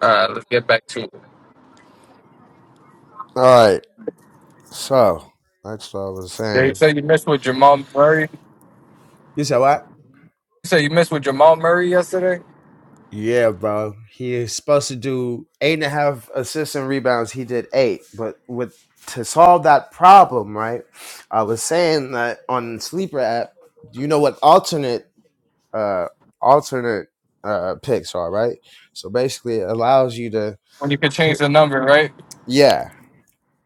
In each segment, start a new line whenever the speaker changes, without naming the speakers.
Uh, let's get back to it.
All right. So that's what I was
Yeah, you
saying.
said you missed with Jamal Murray. You
You said what?
said you missed with Jamal Murray yesterday
Yeah, bro. He is supposed to do eight and a half assists and rebounds. He did eight, but with to solve that problem, right? I was saying that on sleeper app. You know what alternate uh alternate uh picks are, right? So basically, it allows you to
when you could change
pick,
the number, right?
yeah.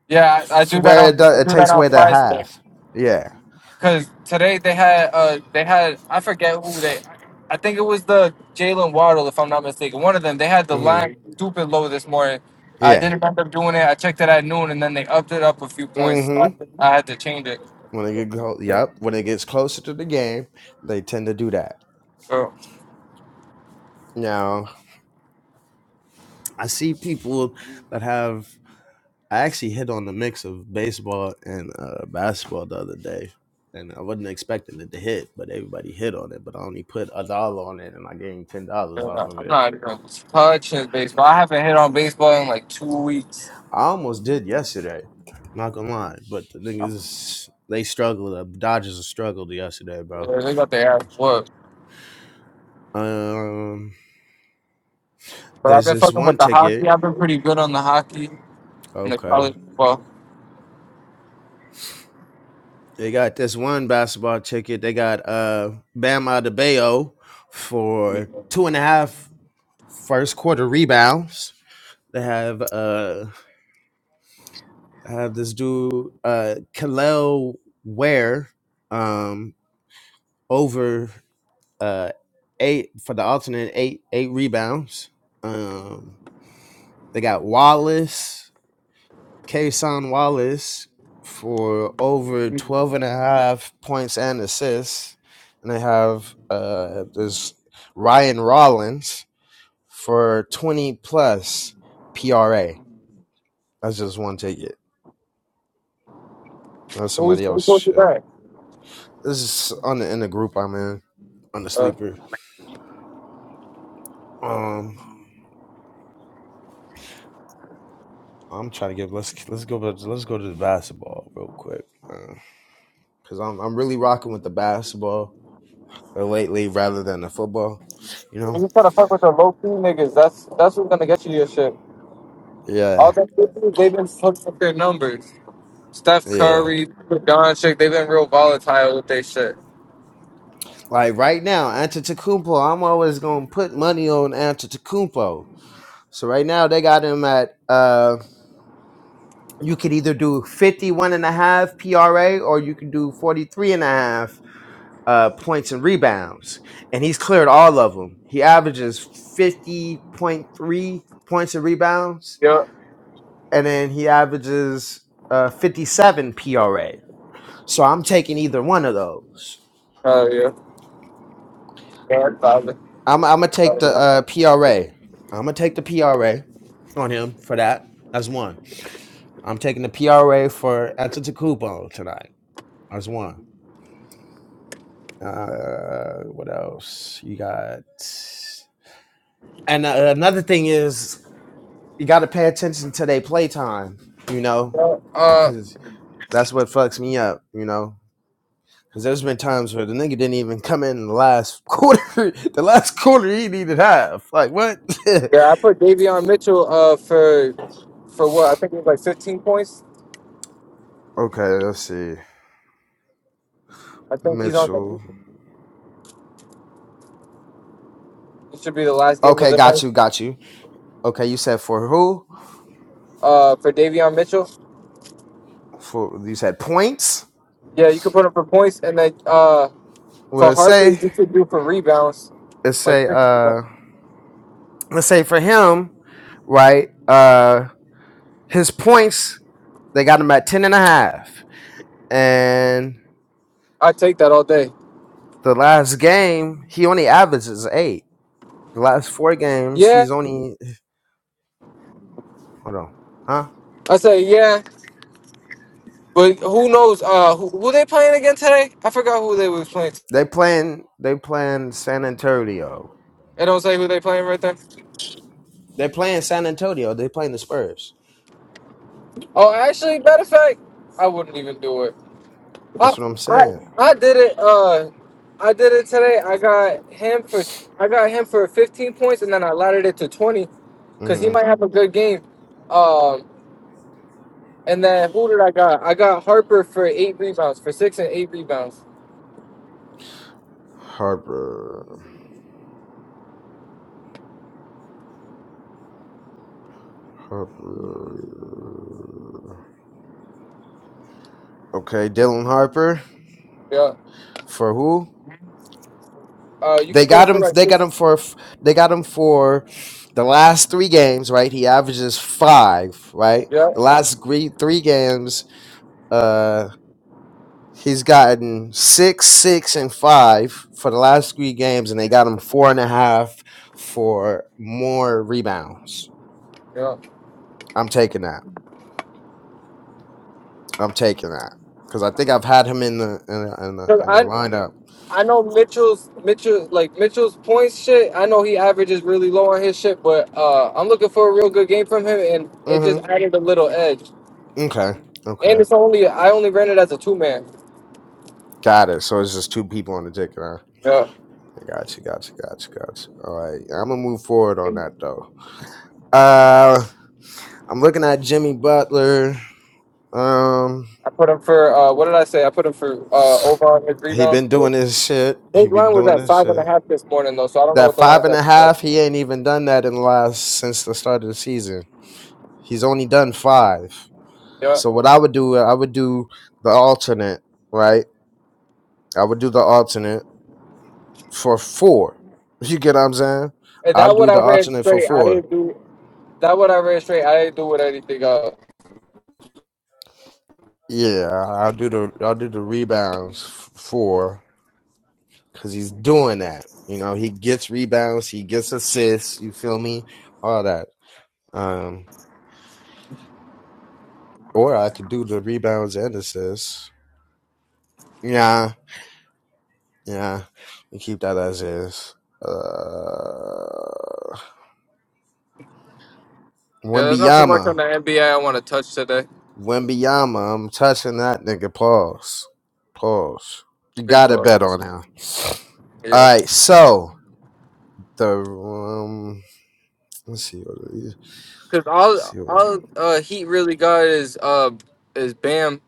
Yeah, I, I
to
do that
where it
on
does,
I
it
do that
takes
on
away the
Friday
half. Yeah.
because today they had uh they had I forget who they I think it was the Jalen Waddle if I'm not mistaken one of them they had the
Mm-hmm.
line stupid low this morning. I
Yeah.
didn't end up doing it. I checked it at noon and then they upped it up a few points. So
Mm-hmm.
I, I had to change it.
When they get close, yep. When it gets closer to the game, they tend to do that.
Bro,
Now I see people that have. I actually hit on the mix of baseball and uh, basketball the other day, and I wasn't expecting it to hit, but everybody hit on it. But I only put a dollar on it, and I gained ten dollars
uh,
off of
I'm
it.
not even touching baseball. I haven't hit on baseball in like two weeks.
I almost did yesterday, not gonna lie. But the niggas, they struggled. The Dodgers struggled yesterday, bro.
Yeah, they got their ass whooped.
Um,
But I've
there's
been
this
fucking
one
with the hockey.
ticket.
I've been pretty good on the hockey and the
Okay.
college football.
They got this one basketball ticket. They got uh Bam Adebayo for two and a half first quarter rebounds. They have uh have this dude uh Kalel Ware um over uh eight for the alternate eight eight rebounds. Um they got Wallace. Kason Wallace for over 12 and a half points and assists. And they have uh, this Ryan Rollins for 20 plus PRA. That's just one ticket. That's
Who's
somebody
who
else shit.
quarterback?
This is on the in the group I'm in on the
Uh,
sleeper. Um, I'm trying to get let's let's go let's go to the basketball real quick because I'm I'm really rocking with the basketball uh, lately rather than the football. You know,
when you try to fuck with the low key niggas, that's that's what's gonna get you your shit.
yeah.
All that they've been fucking with their numbers. Steph
Yeah.
Curry, Doncic, they've been real volatile with their shit.
Like right now, Antetokounmpo, I'm always gonna put money on Antetokounmpo. So right now they got him at uh you could either do 51 and a half PRA or you can do 43 and a half uh points and rebounds. And he's cleared all of them. He averages 50.3 points and rebounds
Yeah.
and then he averages uh 57 PRA. So I'm taking either one of those.
Oh yeah. Yeah, probably.
I'm I'm gonna take the
Oh,
uh, PRA. I'm gonna take the PRA on him for that. That's one. I'm taking the PRA for Antetokounmpo tonight. That's one. Uh, what else? You got. And uh, another thing is you got to pay attention to their playtime. You know,
yeah. Uh,
because that's what fucks me up. You know. Cause there's been times where the nigga didn't even come in the last quarter. the last quarter he needed half. Like what?
yeah, I put Davion Mitchell uh for for what I think it was like 15 points.
okay, let's see.
I think he's on the.
Mitchell.
It should be the last game of
Okay,
the night.
got you, got you. Okay, you said for who?
uh, for Davion Mitchell.
For you said points.
Yeah, you could put him for points, and then uh,
Well,
for
let's
Harper, you
say
should do for rebounds,
let's
like
say
six
uh
rebounds.
let's say for him, right? Uh his points, they got him at ten and a half. And
I take that all day.
the last game, he only averages eight. The last four games,
Yeah,
he's only hold on. Huh?
I say yeah, but who knows? Uh, who, who they playing again today? I forgot who they was playing.
They playing they playing San Antonio.
It don't say who they playing right there.
They playing San Antonio, they playing the Spurs.
Oh, actually, matter of fact, I wouldn't even do it. I,
That's what I'm
I,
saying.
I did it. Uh, I did it today. I got him for I got him for 15 points, and then I laddered it to 20 because he
Mm-hmm.
might have a good game. Um, And then who did I got? I got Harper for eight rebounds, for six and eight rebounds.
Harper. Harper. Okay, Dylan Harper
Yeah.
for who?
Uh, you
They
could put him
got
for
him.
like
They got
six.
him for. They got him for the last three games. Right, he averages five. Right,
Yeah.
the last three three games. Uh, he's gotten six, six, and five for the last three games, and they got him four and a half for more rebounds.
Yeah.
I'm taking that. I'm taking that because I think I've had him in the in the in the,
Cause
in the
I
lineup.
I know Mitchell's Mitchell like Mitchell's points shit. I know he averages really low on his shit, but uh, I'm looking for a real good game from him, and it
Mm-hmm.
just added a little edge.
Okay. Okay.
And it's only I only ran it as a two man.
Got it. So it's just two people on the ticket, huh?
Yeah.
I got you, got you, got you, got you. All right. Yeah, I'm gonna move forward on that though. Uh I'm looking at Jimmy Butler. Um
I put him for uh, what did I say? I put him for uh, over on his
he
rebounds.
been doing this shit. He
His
been
line was
doing
at
this
five and a
shit.
half this morning though, so I don't know
That
what the
five
line's
and
at.
a
Uh,
half, he ain't even done that in the last since the start of the season. He's only done five.
yeah.
So what I would do, I would do the alternate, right? I would do the alternate for four. You get what I'm saying?
And
I'll
that what
do the
I read
alternate for
straight. I
four
didn't do that. What I read straight. I didn't do with anything else.
Yeah, I'll do the I'll do the rebounds f- for because he's doing that. You know, he gets rebounds, he gets assists. You feel me? All that. Um, or I could do the rebounds and assists. Yeah, yeah. We keep that as is. Uh,
Yeah, there's not too much on
Wembiyama,
the NBA I want to touch today.
Wembiyama. I'm touching that nigga. Pause. Pause. You
Big
gotta bet
points.
on him.
Yeah,
All right. So the um, let's see what it is.
because all
Let's see.
all uh, Heat really got is uh is Bam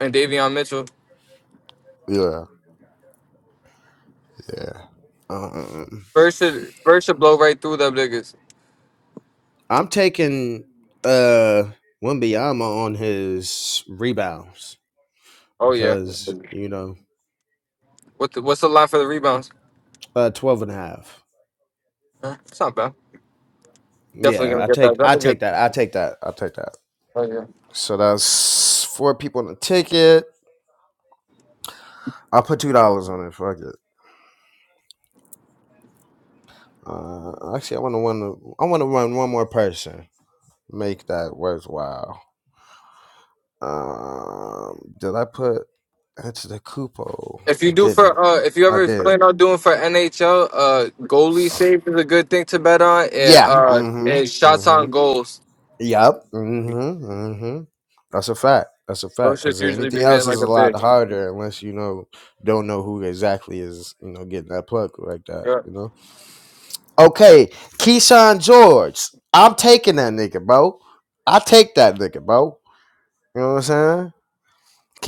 and Davion Mitchell.
Yeah, yeah. Um,
First should first should blow right through them niggas.
I'm taking uh Wimbyama on his rebounds
Oh yeah.
because you know
What the, what's the line for the rebounds?
uh 12 and a half.
Huh? It's not bad. Definitely
Yeah,
gonna
I
get that.
take
That's
I
a
take
good.
that. I take that. I take that.
Oh yeah.
So that's four people on the ticket. I'll put two dollars on it. Fuck it. Uh, actually, I want to run. I want to run one more person. Make that worthwhile. Um, did I put? That's the cupo.
If
I
you do for
didn't.
uh, if you
I
ever
did.
plan on doing for NHL, uh, goalie save is a good thing to bet on, and
Yeah.
uh, and
Mm-hmm.
shots
Mm-hmm.
on goals.
Yep. Mm-hmm. Mm-hmm. That's a fact. That's a fact.
Those shits
Because
usually
anything
be hitting
else is
like
a
a
lot
bitch.
harder unless you know don't know who exactly is you know getting that plug like that.
Yeah.
You know. Okay, Keyshawn George. I'm taking that nigga, bro. I take that nigga, bro. You know what I'm saying?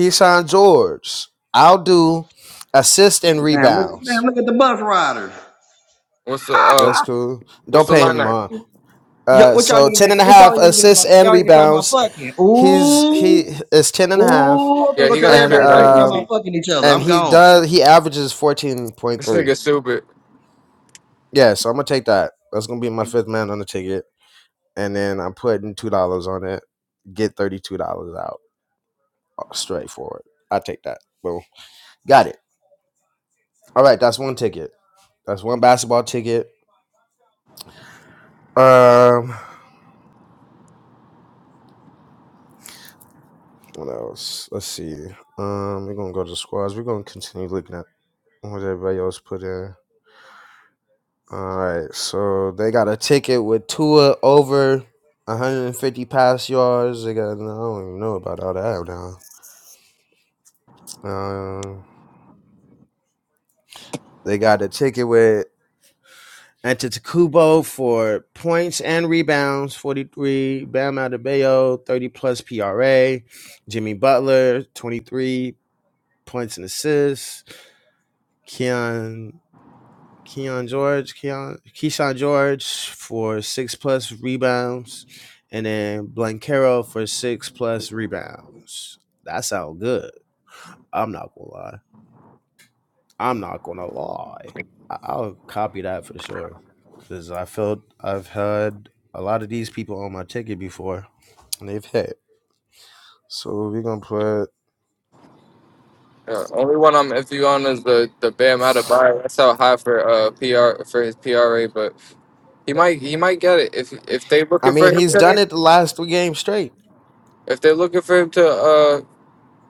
Keyshawn George. I'll do assist and
Damn, look, damn,
rebounds.
look at the bus riders.
What's the uh,
That's cool.
what's
Don't
the
pay him
lineup?
on.
Yo,
Uh,
what y'all
so
niggas?
ten
in-
and a
What
half
y'all niggas in here
assists
about?
and
Y'all in here talking about
rebounds
fucking?
he's he
Ooh,
is 10 and a half,
ooh. I'm gonna
Yeah,
go
he
tell
gonna
and
everybody
clear
y'all in
that
here talking
um
about
easy.
fucking each other.
and
I'm
he
gone.
does he averages
This
14.3
nigga stupid.
yeah so i'm gonna take that that's gonna be my fifth man on the ticket and then i'm putting two dollars on it get 32 dollars out uh, straightforward i take that boom got it all right that's one ticket that's one basketball ticket um what else let's see um we're gonna go to the squads we're gonna continue looking at what everybody else put in All right, so they got a ticket with Tua over 150 pass yards. They got I don't even know about all that now. Um, they got a ticket with Antetokounmpo for points and rebounds, 43. Bam Adebayo, 30 plus PRA. Jimmy Butler, 23 points and assists. Keon Keon George, Keon Keyshawn George for six plus rebounds, and then Blancaro for six plus rebounds. That sounds good. I'm not gonna lie. I'm not gonna lie. I- I'll copy that for sure. Cause I felt I've had a lot of these people on my ticket before, and they've hit. So we're gonna put.
Yeah, only one I'm iffy on is the the Bam out of buy. That's how high for uh PR for his PRA, but he might he might get it if if they
I
looking for
mean,
him
he's done
today.
it the last three games straight.
If they're looking for him to uh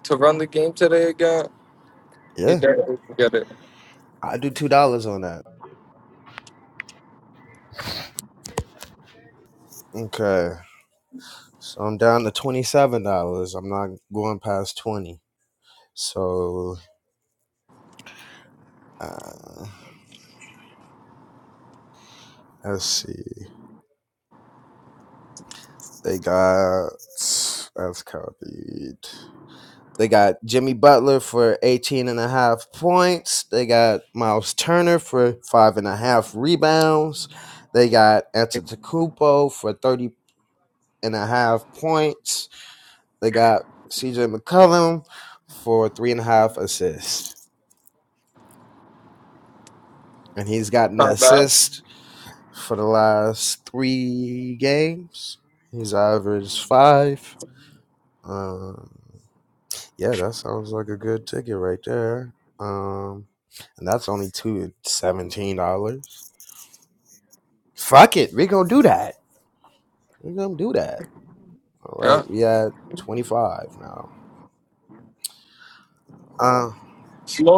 to run the game today again, he
Yeah,
definitely can get it.
I do two dollars on that. Okay. So I'm down to twenty seven dollars. I'm not going past twenty. So uh, let's see. They got that's copied. They got Jimmy Butler for 18 and a half points. They got Miles Turner for five and a half rebounds. They got Antetokounmpo for 30 and a half points. They got CJ McCollum for three and a half assists. And he's gotten an
Come bad.
assist for the last three games. He's averaged five. Um, yeah, that sounds like a good ticket right there. Um, and that's only two seventeen dollars. Fuck it, we gonna do that. we gonna do that. All
Yeah.
right, we at twenty five now. Uh,
Slow.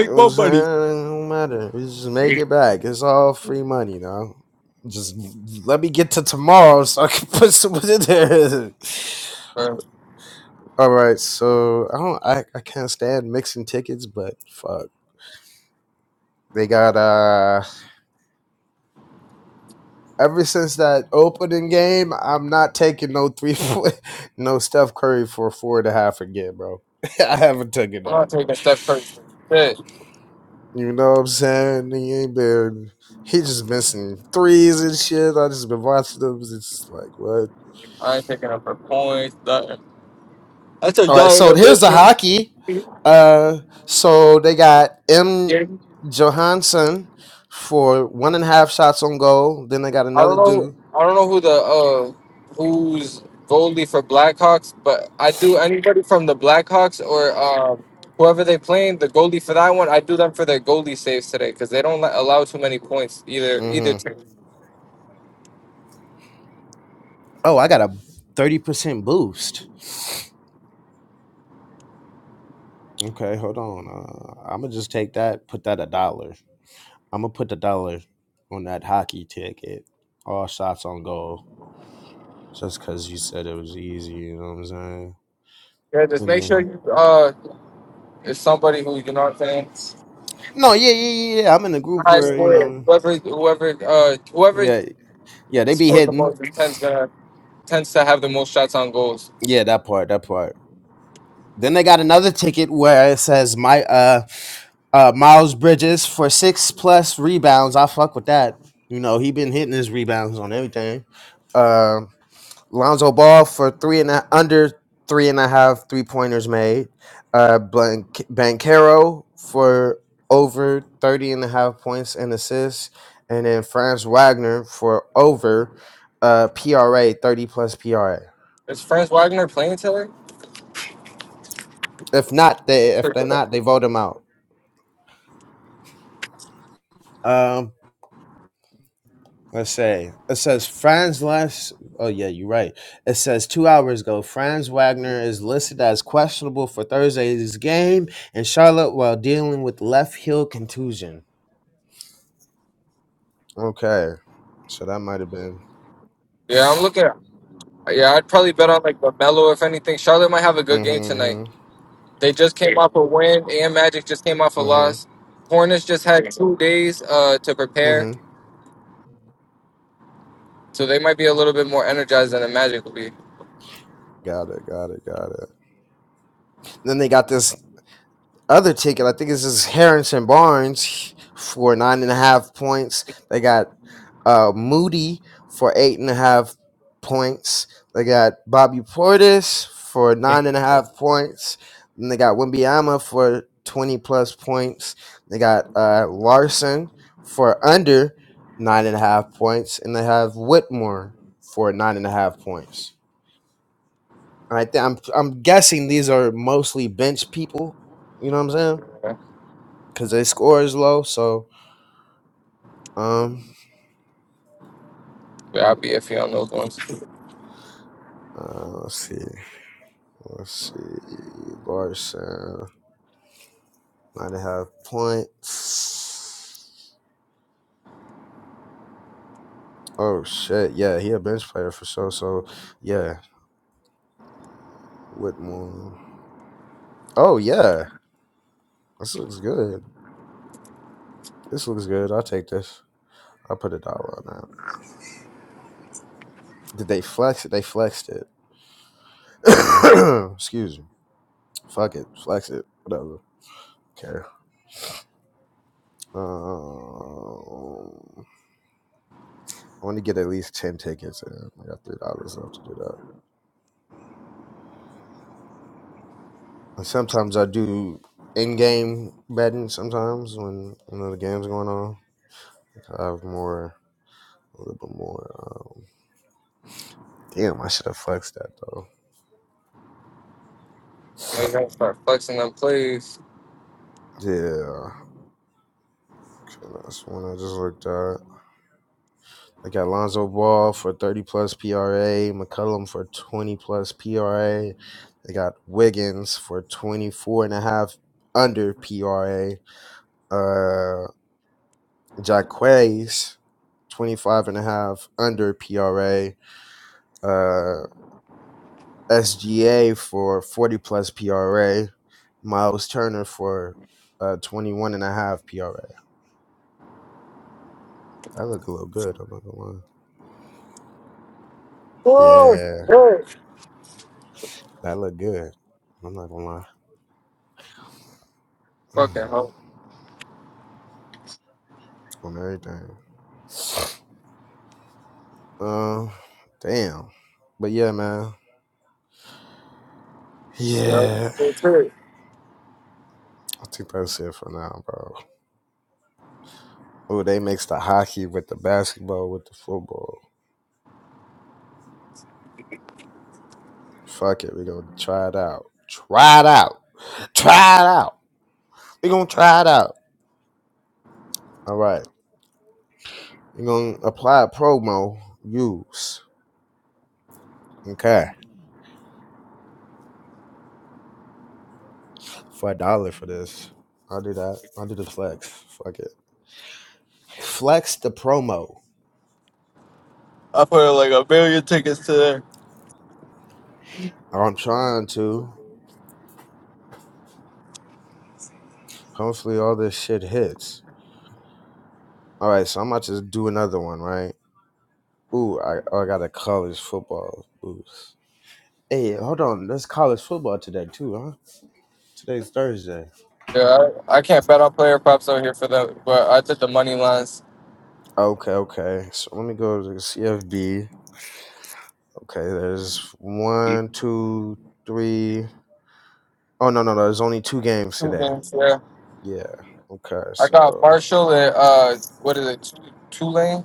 you know what I'm saying? It don't matter. We just make it back. It's all free money now. Just let me get to tomorrow so I can put some in there.
I'm
All right, so I don't, I, I can't stand mixing tickets, but fuck, they got uh. Ever since that opening game, I'm not taking no three, point- no Steph Curry for four and a half again, bro. I haven't taken that.
not taking Steph Curry for shit.
You know what I'm saying? He ain't been. He just missing threes and shit. I just been watching them. It's just like what.
I ain't picking up her points. Nothing. I took
All right, so
Donovan
here's the hockey.
Mitchell.
Uh, so they got
Yeah.
M. Johansson for one and a half shots on goal. Then they got
I don't
another
know.
dude.
I don't know who the uh who's goalie for Blackhawks, but I do anybody from the Blackhawks or um whoever they playing the goalie for that one. I do them for their goalie saves today because they don't let- allow too many points either either
hmm
team.
Oh, I got a thirty percent boost. Okay, hold on. Uh, I'm gonna just take that. Put that a dollar. I'm gonna put the dollar on that hockey ticket. All shots on goal. Just cause you said it was easy, you know what I'm saying?
Yeah, just
And
make sure
then
you uh is somebody who you know what I'm saying
no, yeah, yeah, yeah. yeah, I'm in a group
high
where you
score.
know,
Whoever whoever uh whoever
yeah, yeah, they be
scored the
hitting.
most tends gonna tends to have the most shots on goals.
Yeah, that part, that part. Then they got another ticket where it says my uh uh Miles Bridges for six plus rebounds. I fuck with that. You know, he been hitting his rebounds on everything. Uh, Lonzo Ball for three and a, under three and a half three pointers made. Uh Blank Bankero for over 30 and a half points and assists. And then Franz Wagner for over uh PRA, 30 plus PRA.
Is Franz Wagner playing Taylor?
If not, they if they're not, they vote him out. Um, let's say it says Franz last. Oh yeah, you're right. It says two hours ago, Franz Wagner is listed as questionable for Thursday's game in Charlotte while dealing with left heel contusion. Okay, so that might have been.
Yeah, I'm looking. Yeah, I'd probably bet on like Lamelo if anything. Charlotte might have a good game
Mm-hmm.
tonight.
Mm-hmm.
They just came off a win. and Magic just came off a
Mm-hmm.
loss. Hornets just had two days uh to prepare,
mm-hmm.
so they might be a little bit more energized than the Magic will be.
Got it. Got it. Got it. Then they got this other ticket. I think this is Harrison Barnes for nine and a half points. They got uh, Moody for eight and a half points. They got Bobby Portis for nine and a half points. And they got Wimbiama for 20 plus points. They got uh, Larson for under nine and a half points. And they have Whitmore for nine and a half points. And I think I'm, I'm guessing these are mostly bench people. You know what I'm saying?
Yeah,
Because their score is low. So, um,
but I'll be iffy on those ones.
uh, let's see. Let's see. Larson. Nine and a half points. Oh shit, yeah, he a bench player for sure. So yeah, Whitmore. Oh yeah, this looks good. This looks good. I'll take this. I'll put a dollar on that. Did they flex it? They flexed it. Excuse me. Fuck it. Flex it. Whatever. Care. Um, I want to get at least ten tickets, and I got three dollars left to do that. And sometimes I do in-game betting. Sometimes when you know the game's going on. I have more, a little bit more. Um, damn, I should have flexed that though.
You gotta start flexing them plays.
Yeah, okay, that's one I just looked at. I got Lonzo Ball for 30 plus PRA, McCullum for 20 plus PRA. They got Wiggins for 24 and a half under PRA. Uh, Jaquez, 25 and a half under PRA. Uh, SGA for 40 plus PRA. Miles Turner for uh 21 and a half PRA. That look a little good. I'm not gonna lie.
Four,
Yeah,
four.
that look good. I'm not gonna lie.
Fucking hell.
On everything. Um, uh, damn. But yeah, man.
So
Yeah,
that's it.
I think that's it for now, bro. Oh, they mix the hockey with the basketball with the football. Fuck it, we gonna try it out. Try it out. Try it out. We gonna try it out. All right, you gonna apply a promo. Use. Okay. For a dollar for this. I'll do that. I'll do the flex. Fuck it. Flex the promo.
I put like a big tickets to there.
I'm trying to. Hopefully all this shit hits. All right, so I'm about to do another one, right? Ooh, I, oh, I got a college football boost. Hey, hold on. That's college football today too, huh? Today's Thursday.
Yeah, I, I can't bet on player props out here for that, but I took the money lines.
Okay, okay. So let me go to the CFB. Okay, there's one, two, three. Oh no, no, no. There's only two games
Two
today.
games, yeah.
Yeah. Okay,
I got
so
Marshall and uh, what is it, T- Tulane?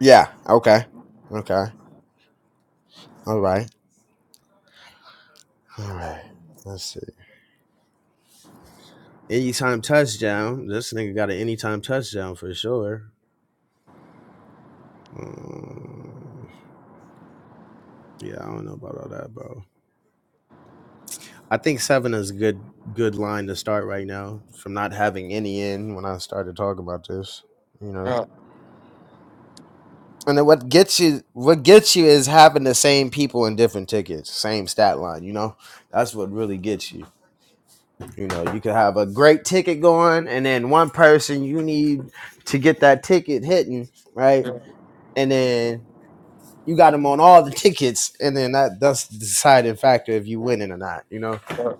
Yeah. Okay. Okay. All right. All right. Let's see. Anytime touchdown. This nigga got an anytime touchdown for sure. Mm, yeah, I don't know about all that, bro. I think seven is a good good line to start right now from not having any in when I started talking about this. You know.
Yeah.
And then what gets you what gets you is having the same people in different tickets, same stat line, you know? That's what really gets you. You know, you could have a great ticket going, and then one person you need to get that ticket hitting, right?
yeah.
And then you got them on all the tickets, and then that that's the deciding factor if you winning or not. You know,
yeah.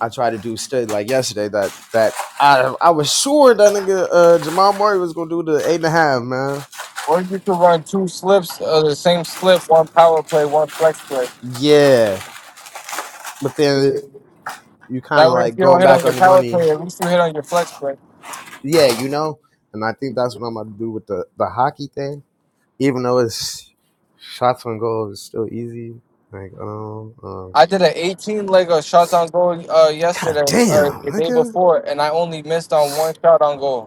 I tried to do stuff like yesterday that that I I was sure that nigga uh, Jamal Murray was gonna do the eight and a half, man.
Or you could run two slips, uh, the same slip, one power play, one flex play.
Yeah, but then you kind
That
of
way, if
like
you don't
going
hit
back
on
on
your
your
power
money.
play, at least you hit on your flex play.
Yeah, you know, and I think that's what I'm gonna do with the the hockey thing even though it's shots on goal is still easy. Like, um, um
I did an 18 leg of shots on goal uh,
God
yesterday, or
damn,
the day
nigga.
before, and I only missed on one shot on goal.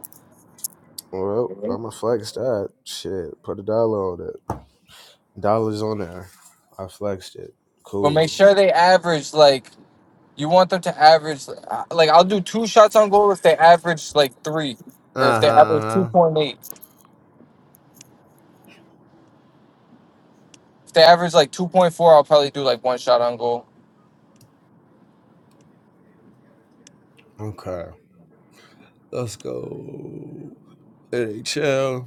Well, I'ma flex that. Shit. Put a dollar on it. Dollars on there. I flexed it.
But make
Cool.
sure they average like you want them to average. uh, Like I'll do two shots on goal if they average like three, or if
Uh-huh.
they average two
uh-huh.
point eight. If they average like two point four, I'll probably do like one shot on goal.
Okay. Let's go. NHL.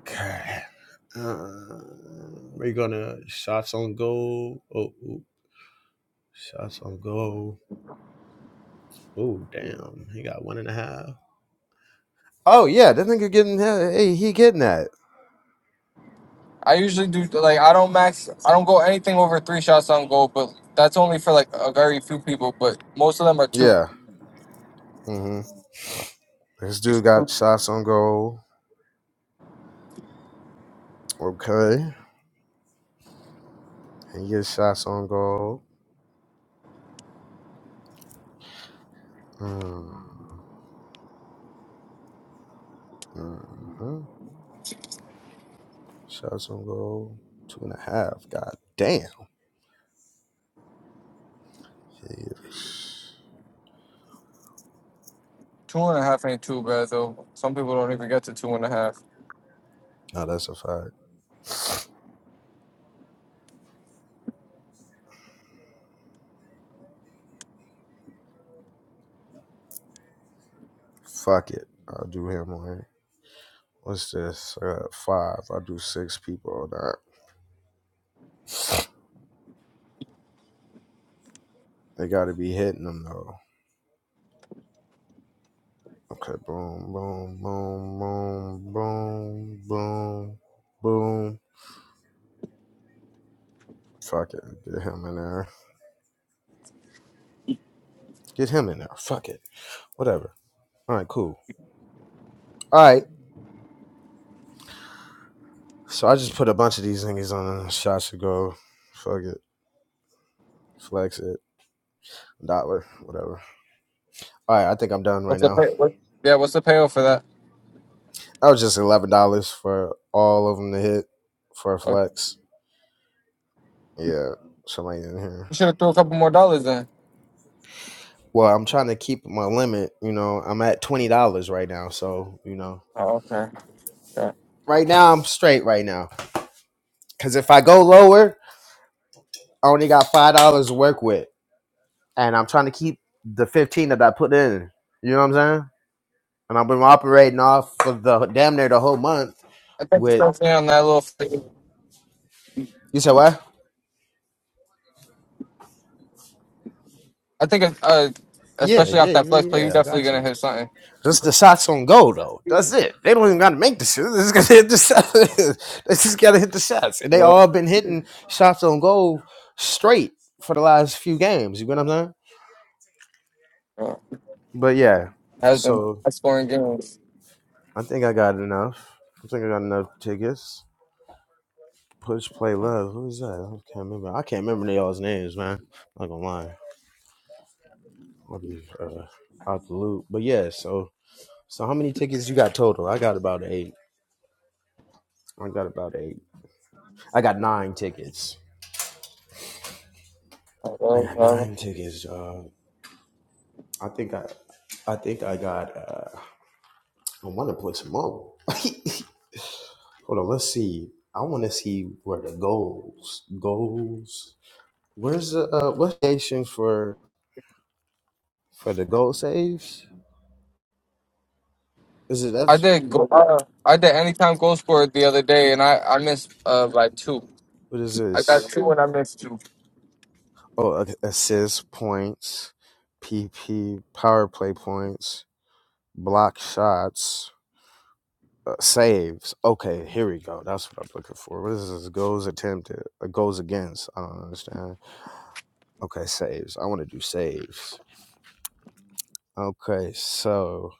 Okay. Uh, we're gonna shots on goal. Oh, ooh, shots on goal. Oh, damn. He got one and a half. Oh yeah, that nigga getting yeah, hey he getting that.
I usually do like I don't max. I don't go anything over three shots on goal, but that's only for like a very few people. But most of them are two,
Yeah. hmm This dude got shots on goal. Okay, he gets shots on goal. Mm-hmm. Shots on goal. Two and a half. God damn. Jeez.
two and a half ain't too bad though. Some people don't even get to two and a half.
No, that's a fact. Fuck it. I'll do him on here. What's this? I got five. I'll do six people on that. They gotta be hitting them though. Okay, boom, boom, boom, boom, boom, boom, boom. Fuck it. Get him in there. Get him in there. Fuck it. Whatever. All right, cool. All right. So I just put a bunch of these things on shots to go. Fuck it. Flex it. Dollar. Whatever. All right. I think I'm done right
What's the
now.
pay? What? Yeah, what's the payoff for that?
That was just $11 for all of them to hit for a
Okay.
flex. Yeah. Somebody in here.
You should have threw a couple more dollars in.
Well, I'm trying to keep my limit. You know, I'm at $20 right now. So, you know,
Oh, okay. Yeah.
right now I'm straight right now. Because if I go lower, I only got $5 to work with. and I'm trying to keep the 15 that I put in. You know what I'm saying? And I've been operating off of the damn near the whole month
I think
with.
especially on that little. fl-
You said what?
I think if, uh,
Yeah,
especially off
yeah,
that
yeah,
flex play, you're
yeah. I
definitely
got
gonna
you.
hit something.
Just the shots on goal though. That's it. They don't even got to make the shit. They just got to hit the shots. they just got to hit the shots, and they
Yeah.
all been hitting shots on goal straight for the last few games. You know what I'm saying?
Yeah.
But yeah,
Has been
so
best scoring games.
I think I got enough. I think I got enough tickets. Push Play Love. Who is that? I can't remember. I can't remember y'all's names, man. I'm not gonna lie. I'll be uh, out the loop. But yeah, so so how many tickets you got total? I got about eight. I got about eight. I got nine tickets.
I
I
love
got
that.
nine tickets. Uh, I think I I think I got uh, I wanna play some more. Hold on, let's see. I wanna see where the goals. Goals. Where's the uh what station for for the goal saves? Is it
I
that's
did. go- Uh, I did anytime goal scorer the other day, and I I missed uh by two.
what is
I got
this?
two, and I two.
oh like, assist points, PP power play points, block shots, uh, saves. Okay, here we go. That's what I'm looking for. What is this? Goals attempted, uh, goals against. I don't understand. Okay, saves. I want to do saves. Okay, so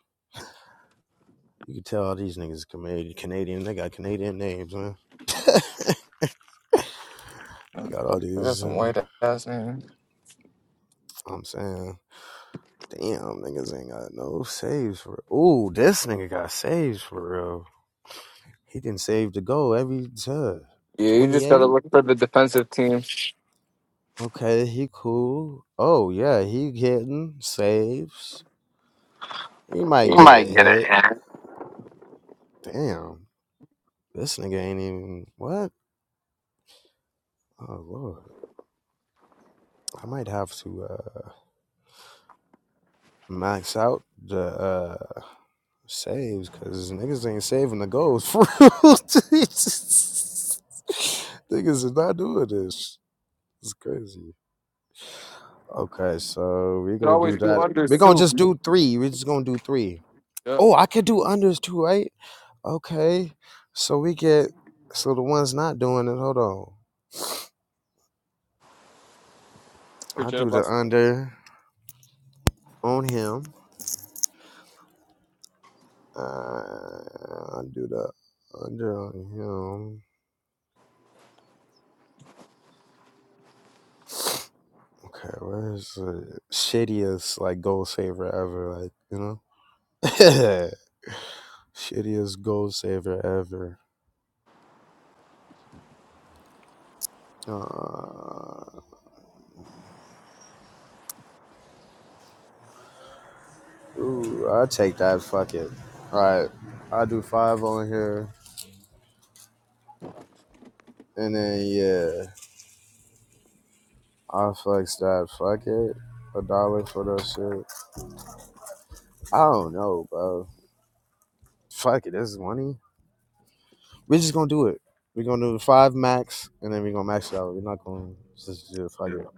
you can tell all these niggas Canadian. Canadian. They got Canadian names, man. they got all
I got
these. Uh,
some white ass man.
I'm saying. Damn, niggas ain't got no saves for. Ooh, this nigga got saves for real. He didn't save the goal every time.
Yeah, you just gotta
28.
look for the defensive team.
Okay, he cool. Oh yeah, he getting saves. He might
You
get a
might get it
hit.
in. You
Damn. This nigga ain't even what? Oh lord. I might have to uh max out the uh saves because niggas ain't saving the goals for real. niggas is not doing this. It's crazy. Okay, so we
can
gonna
always
do
do
that.
unders
We're gonna
too.
just do three. We're just gonna do three.
Yeah,
Oh, I could do unders too, right? Okay. So we get so the one's not doing it. Hold on. I
appreciate
do
it,
the
boss.
under on him. Uh, I do the under on him. Okay, where's the shittiest like goal saver ever? Like you know, shittiest goal saver ever. Uh, ooh, I take that. Fuck it. All right, I do five on here, and then yeah. I flex that. Fuck it. A dollar for that shit. I don't know, bro. Fuck it. This is money. We're just gonna do it. We're gonna do five max, and then we're gonna max it out. We're not gonna just do it. Fuck it.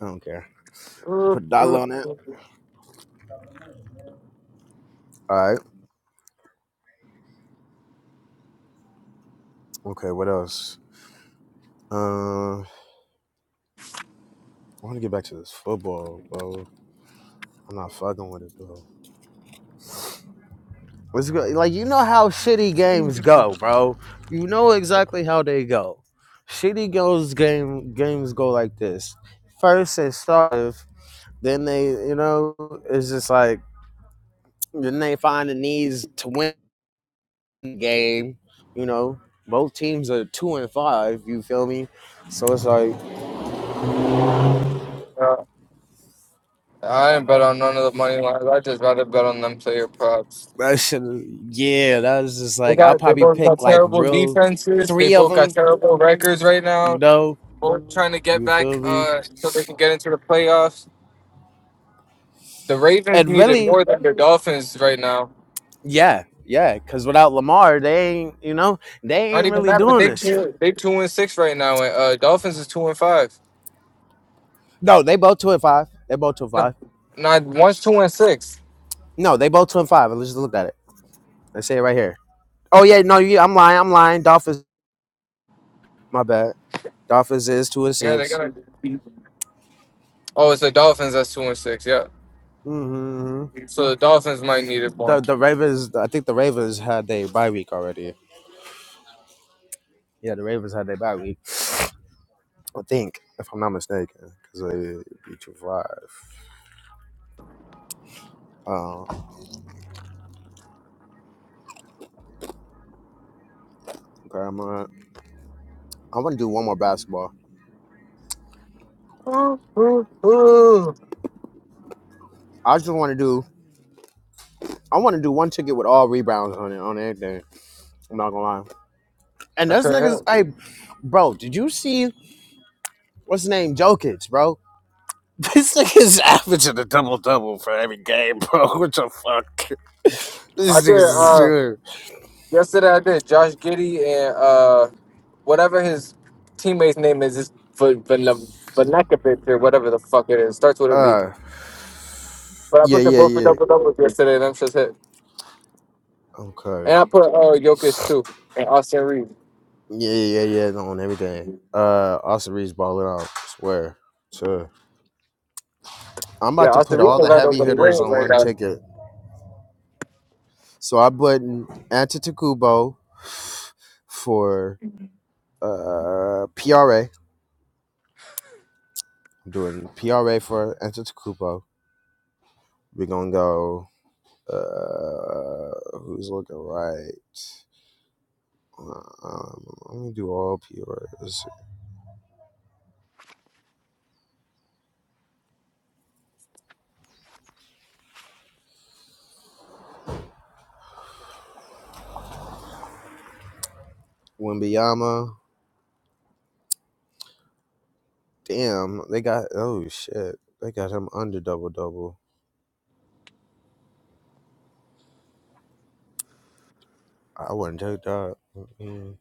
I don't care.
Uh,
Put a
uh,
dollar on it.
uh.
All right. Okay. What else? Uh, I want to get back to this football, bro. I'm not fucking with it, bro. What's good? Like you know how shitty games go, bro. You know exactly how they go. Shitty goes game games go like this. First and start. Then they, you know, it's just like then they find the needs to win the game. You know, both teams are two and five. You feel me? So it's like
yeah. I didn't bet on none of the money lines. I just rather bet on them player props.
that should, yeah. That was just
They
like I'll
got they
probably
both
pick
got
like
terrible
real
defenses. They
three of
both got
them.
terrible records right
You
now.
know,
Both trying to get
you feel
back
me?
uh, so they can get into the playoffs. The Ravens
And
need it
really,
more than the Dolphins right now.
yeah, yeah. Because without Lamar, they ain't, you know, they
Not
ain't
even
really
that, but
doing
they
this shit.
two they two and six right now. And uh, Dolphins is two and five.
No, they both two and five. They both two and
No,
five.
not one's two and six.
No, they both two and five. Let's just look at it. Let's say it right here. Oh yeah, no, you, I'm lying. I'm lying. Dolphins. My bad. Dolphins is two and
Yeah, they
6
got. Oh, it's the Dolphins that's two and six. Yeah,
Mm-hmm.
so the Dolphins might need it more.
The the Ravens. I think the Ravens had their bye week already. Yeah, the Ravens had their bye week. I think, if I'm not mistaken, because they beat two five. Oh, okay, I'm gonna. I want to do one more basketball.
Ooh, ooh, ooh.
I just want to do. I want to do one ticket with all rebounds on it on everything. I'm not gonna lie. And
I
those
could hit.
niggas, hey, bro, did you see what's his name, Jokic, bro? This nigga's averaging a double double for every game, bro. What the fuck?
I
This
did.
nigga's
Uh,
doing.
yesterday I did. Josh Giddy and uh, whatever his teammate's name is, is Vanakovic or whatever the fuck it is. Starts with a V.
Uh,
But I
yeah,
put them
yeah,
both for
yeah.
double doubles yesterday, and I'm just hit. And
Okay.
I put uh, Jokic too and Austin Reeves.
Yeah, yeah, yeah. yeah, No, on everything. Uh, Austin Reed's balling out. Swear. Sure. I'm about
Yeah,
to put
Austin Reeves
all
don't
the
got
heavy
nobody
hitters
wins
on
right
one
now.
ticket. So I put Antetokounmpo for uh PRA. am doing PRA for Antetokounmpo. We're gonna go. Uh, who's looking right? Uh, Um, let me do all PRs. Wimbyama. Damn, they got. Oh shit, they got him under double double. I wouldn't take that. Mm-mm.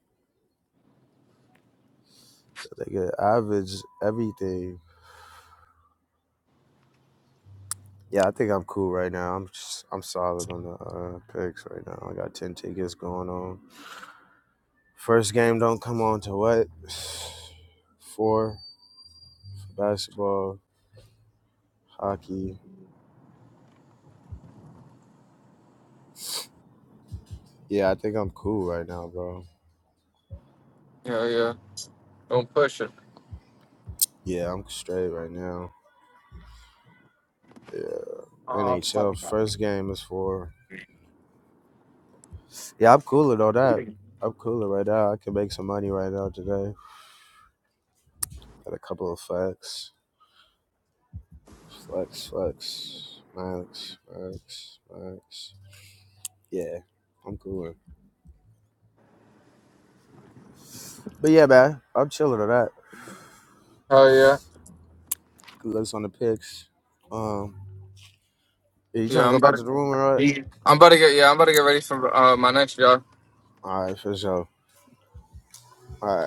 They get average everything. Yeah, I think I'm cool right now. I'm just, I'm solid on the uh, picks right now. I got ten tickets going on. First game don't come on to what? Four basketball, hockey. Yeah, I think I'm cool right now, bro.
Yeah, yeah. Don't push it.
Yeah, I'm straight right now. Yeah,
Oh fuck.
NHL first game is for. Yeah, I'm cool with all That I'm cooler right now. I can make some money right now today. Got a couple of flex, flex, flex, max, max, max. Yeah, I'm cooler. But yeah, man, I'm chilling on that.
Oh yeah.
Good looks on the picks. Um, yeah, you trying
Yeah,
to
I'm
go back
about
to the
to,
room or what?
I'm about to get yeah, I'm about to get ready for uh, my next job.
All right, for sure. All right.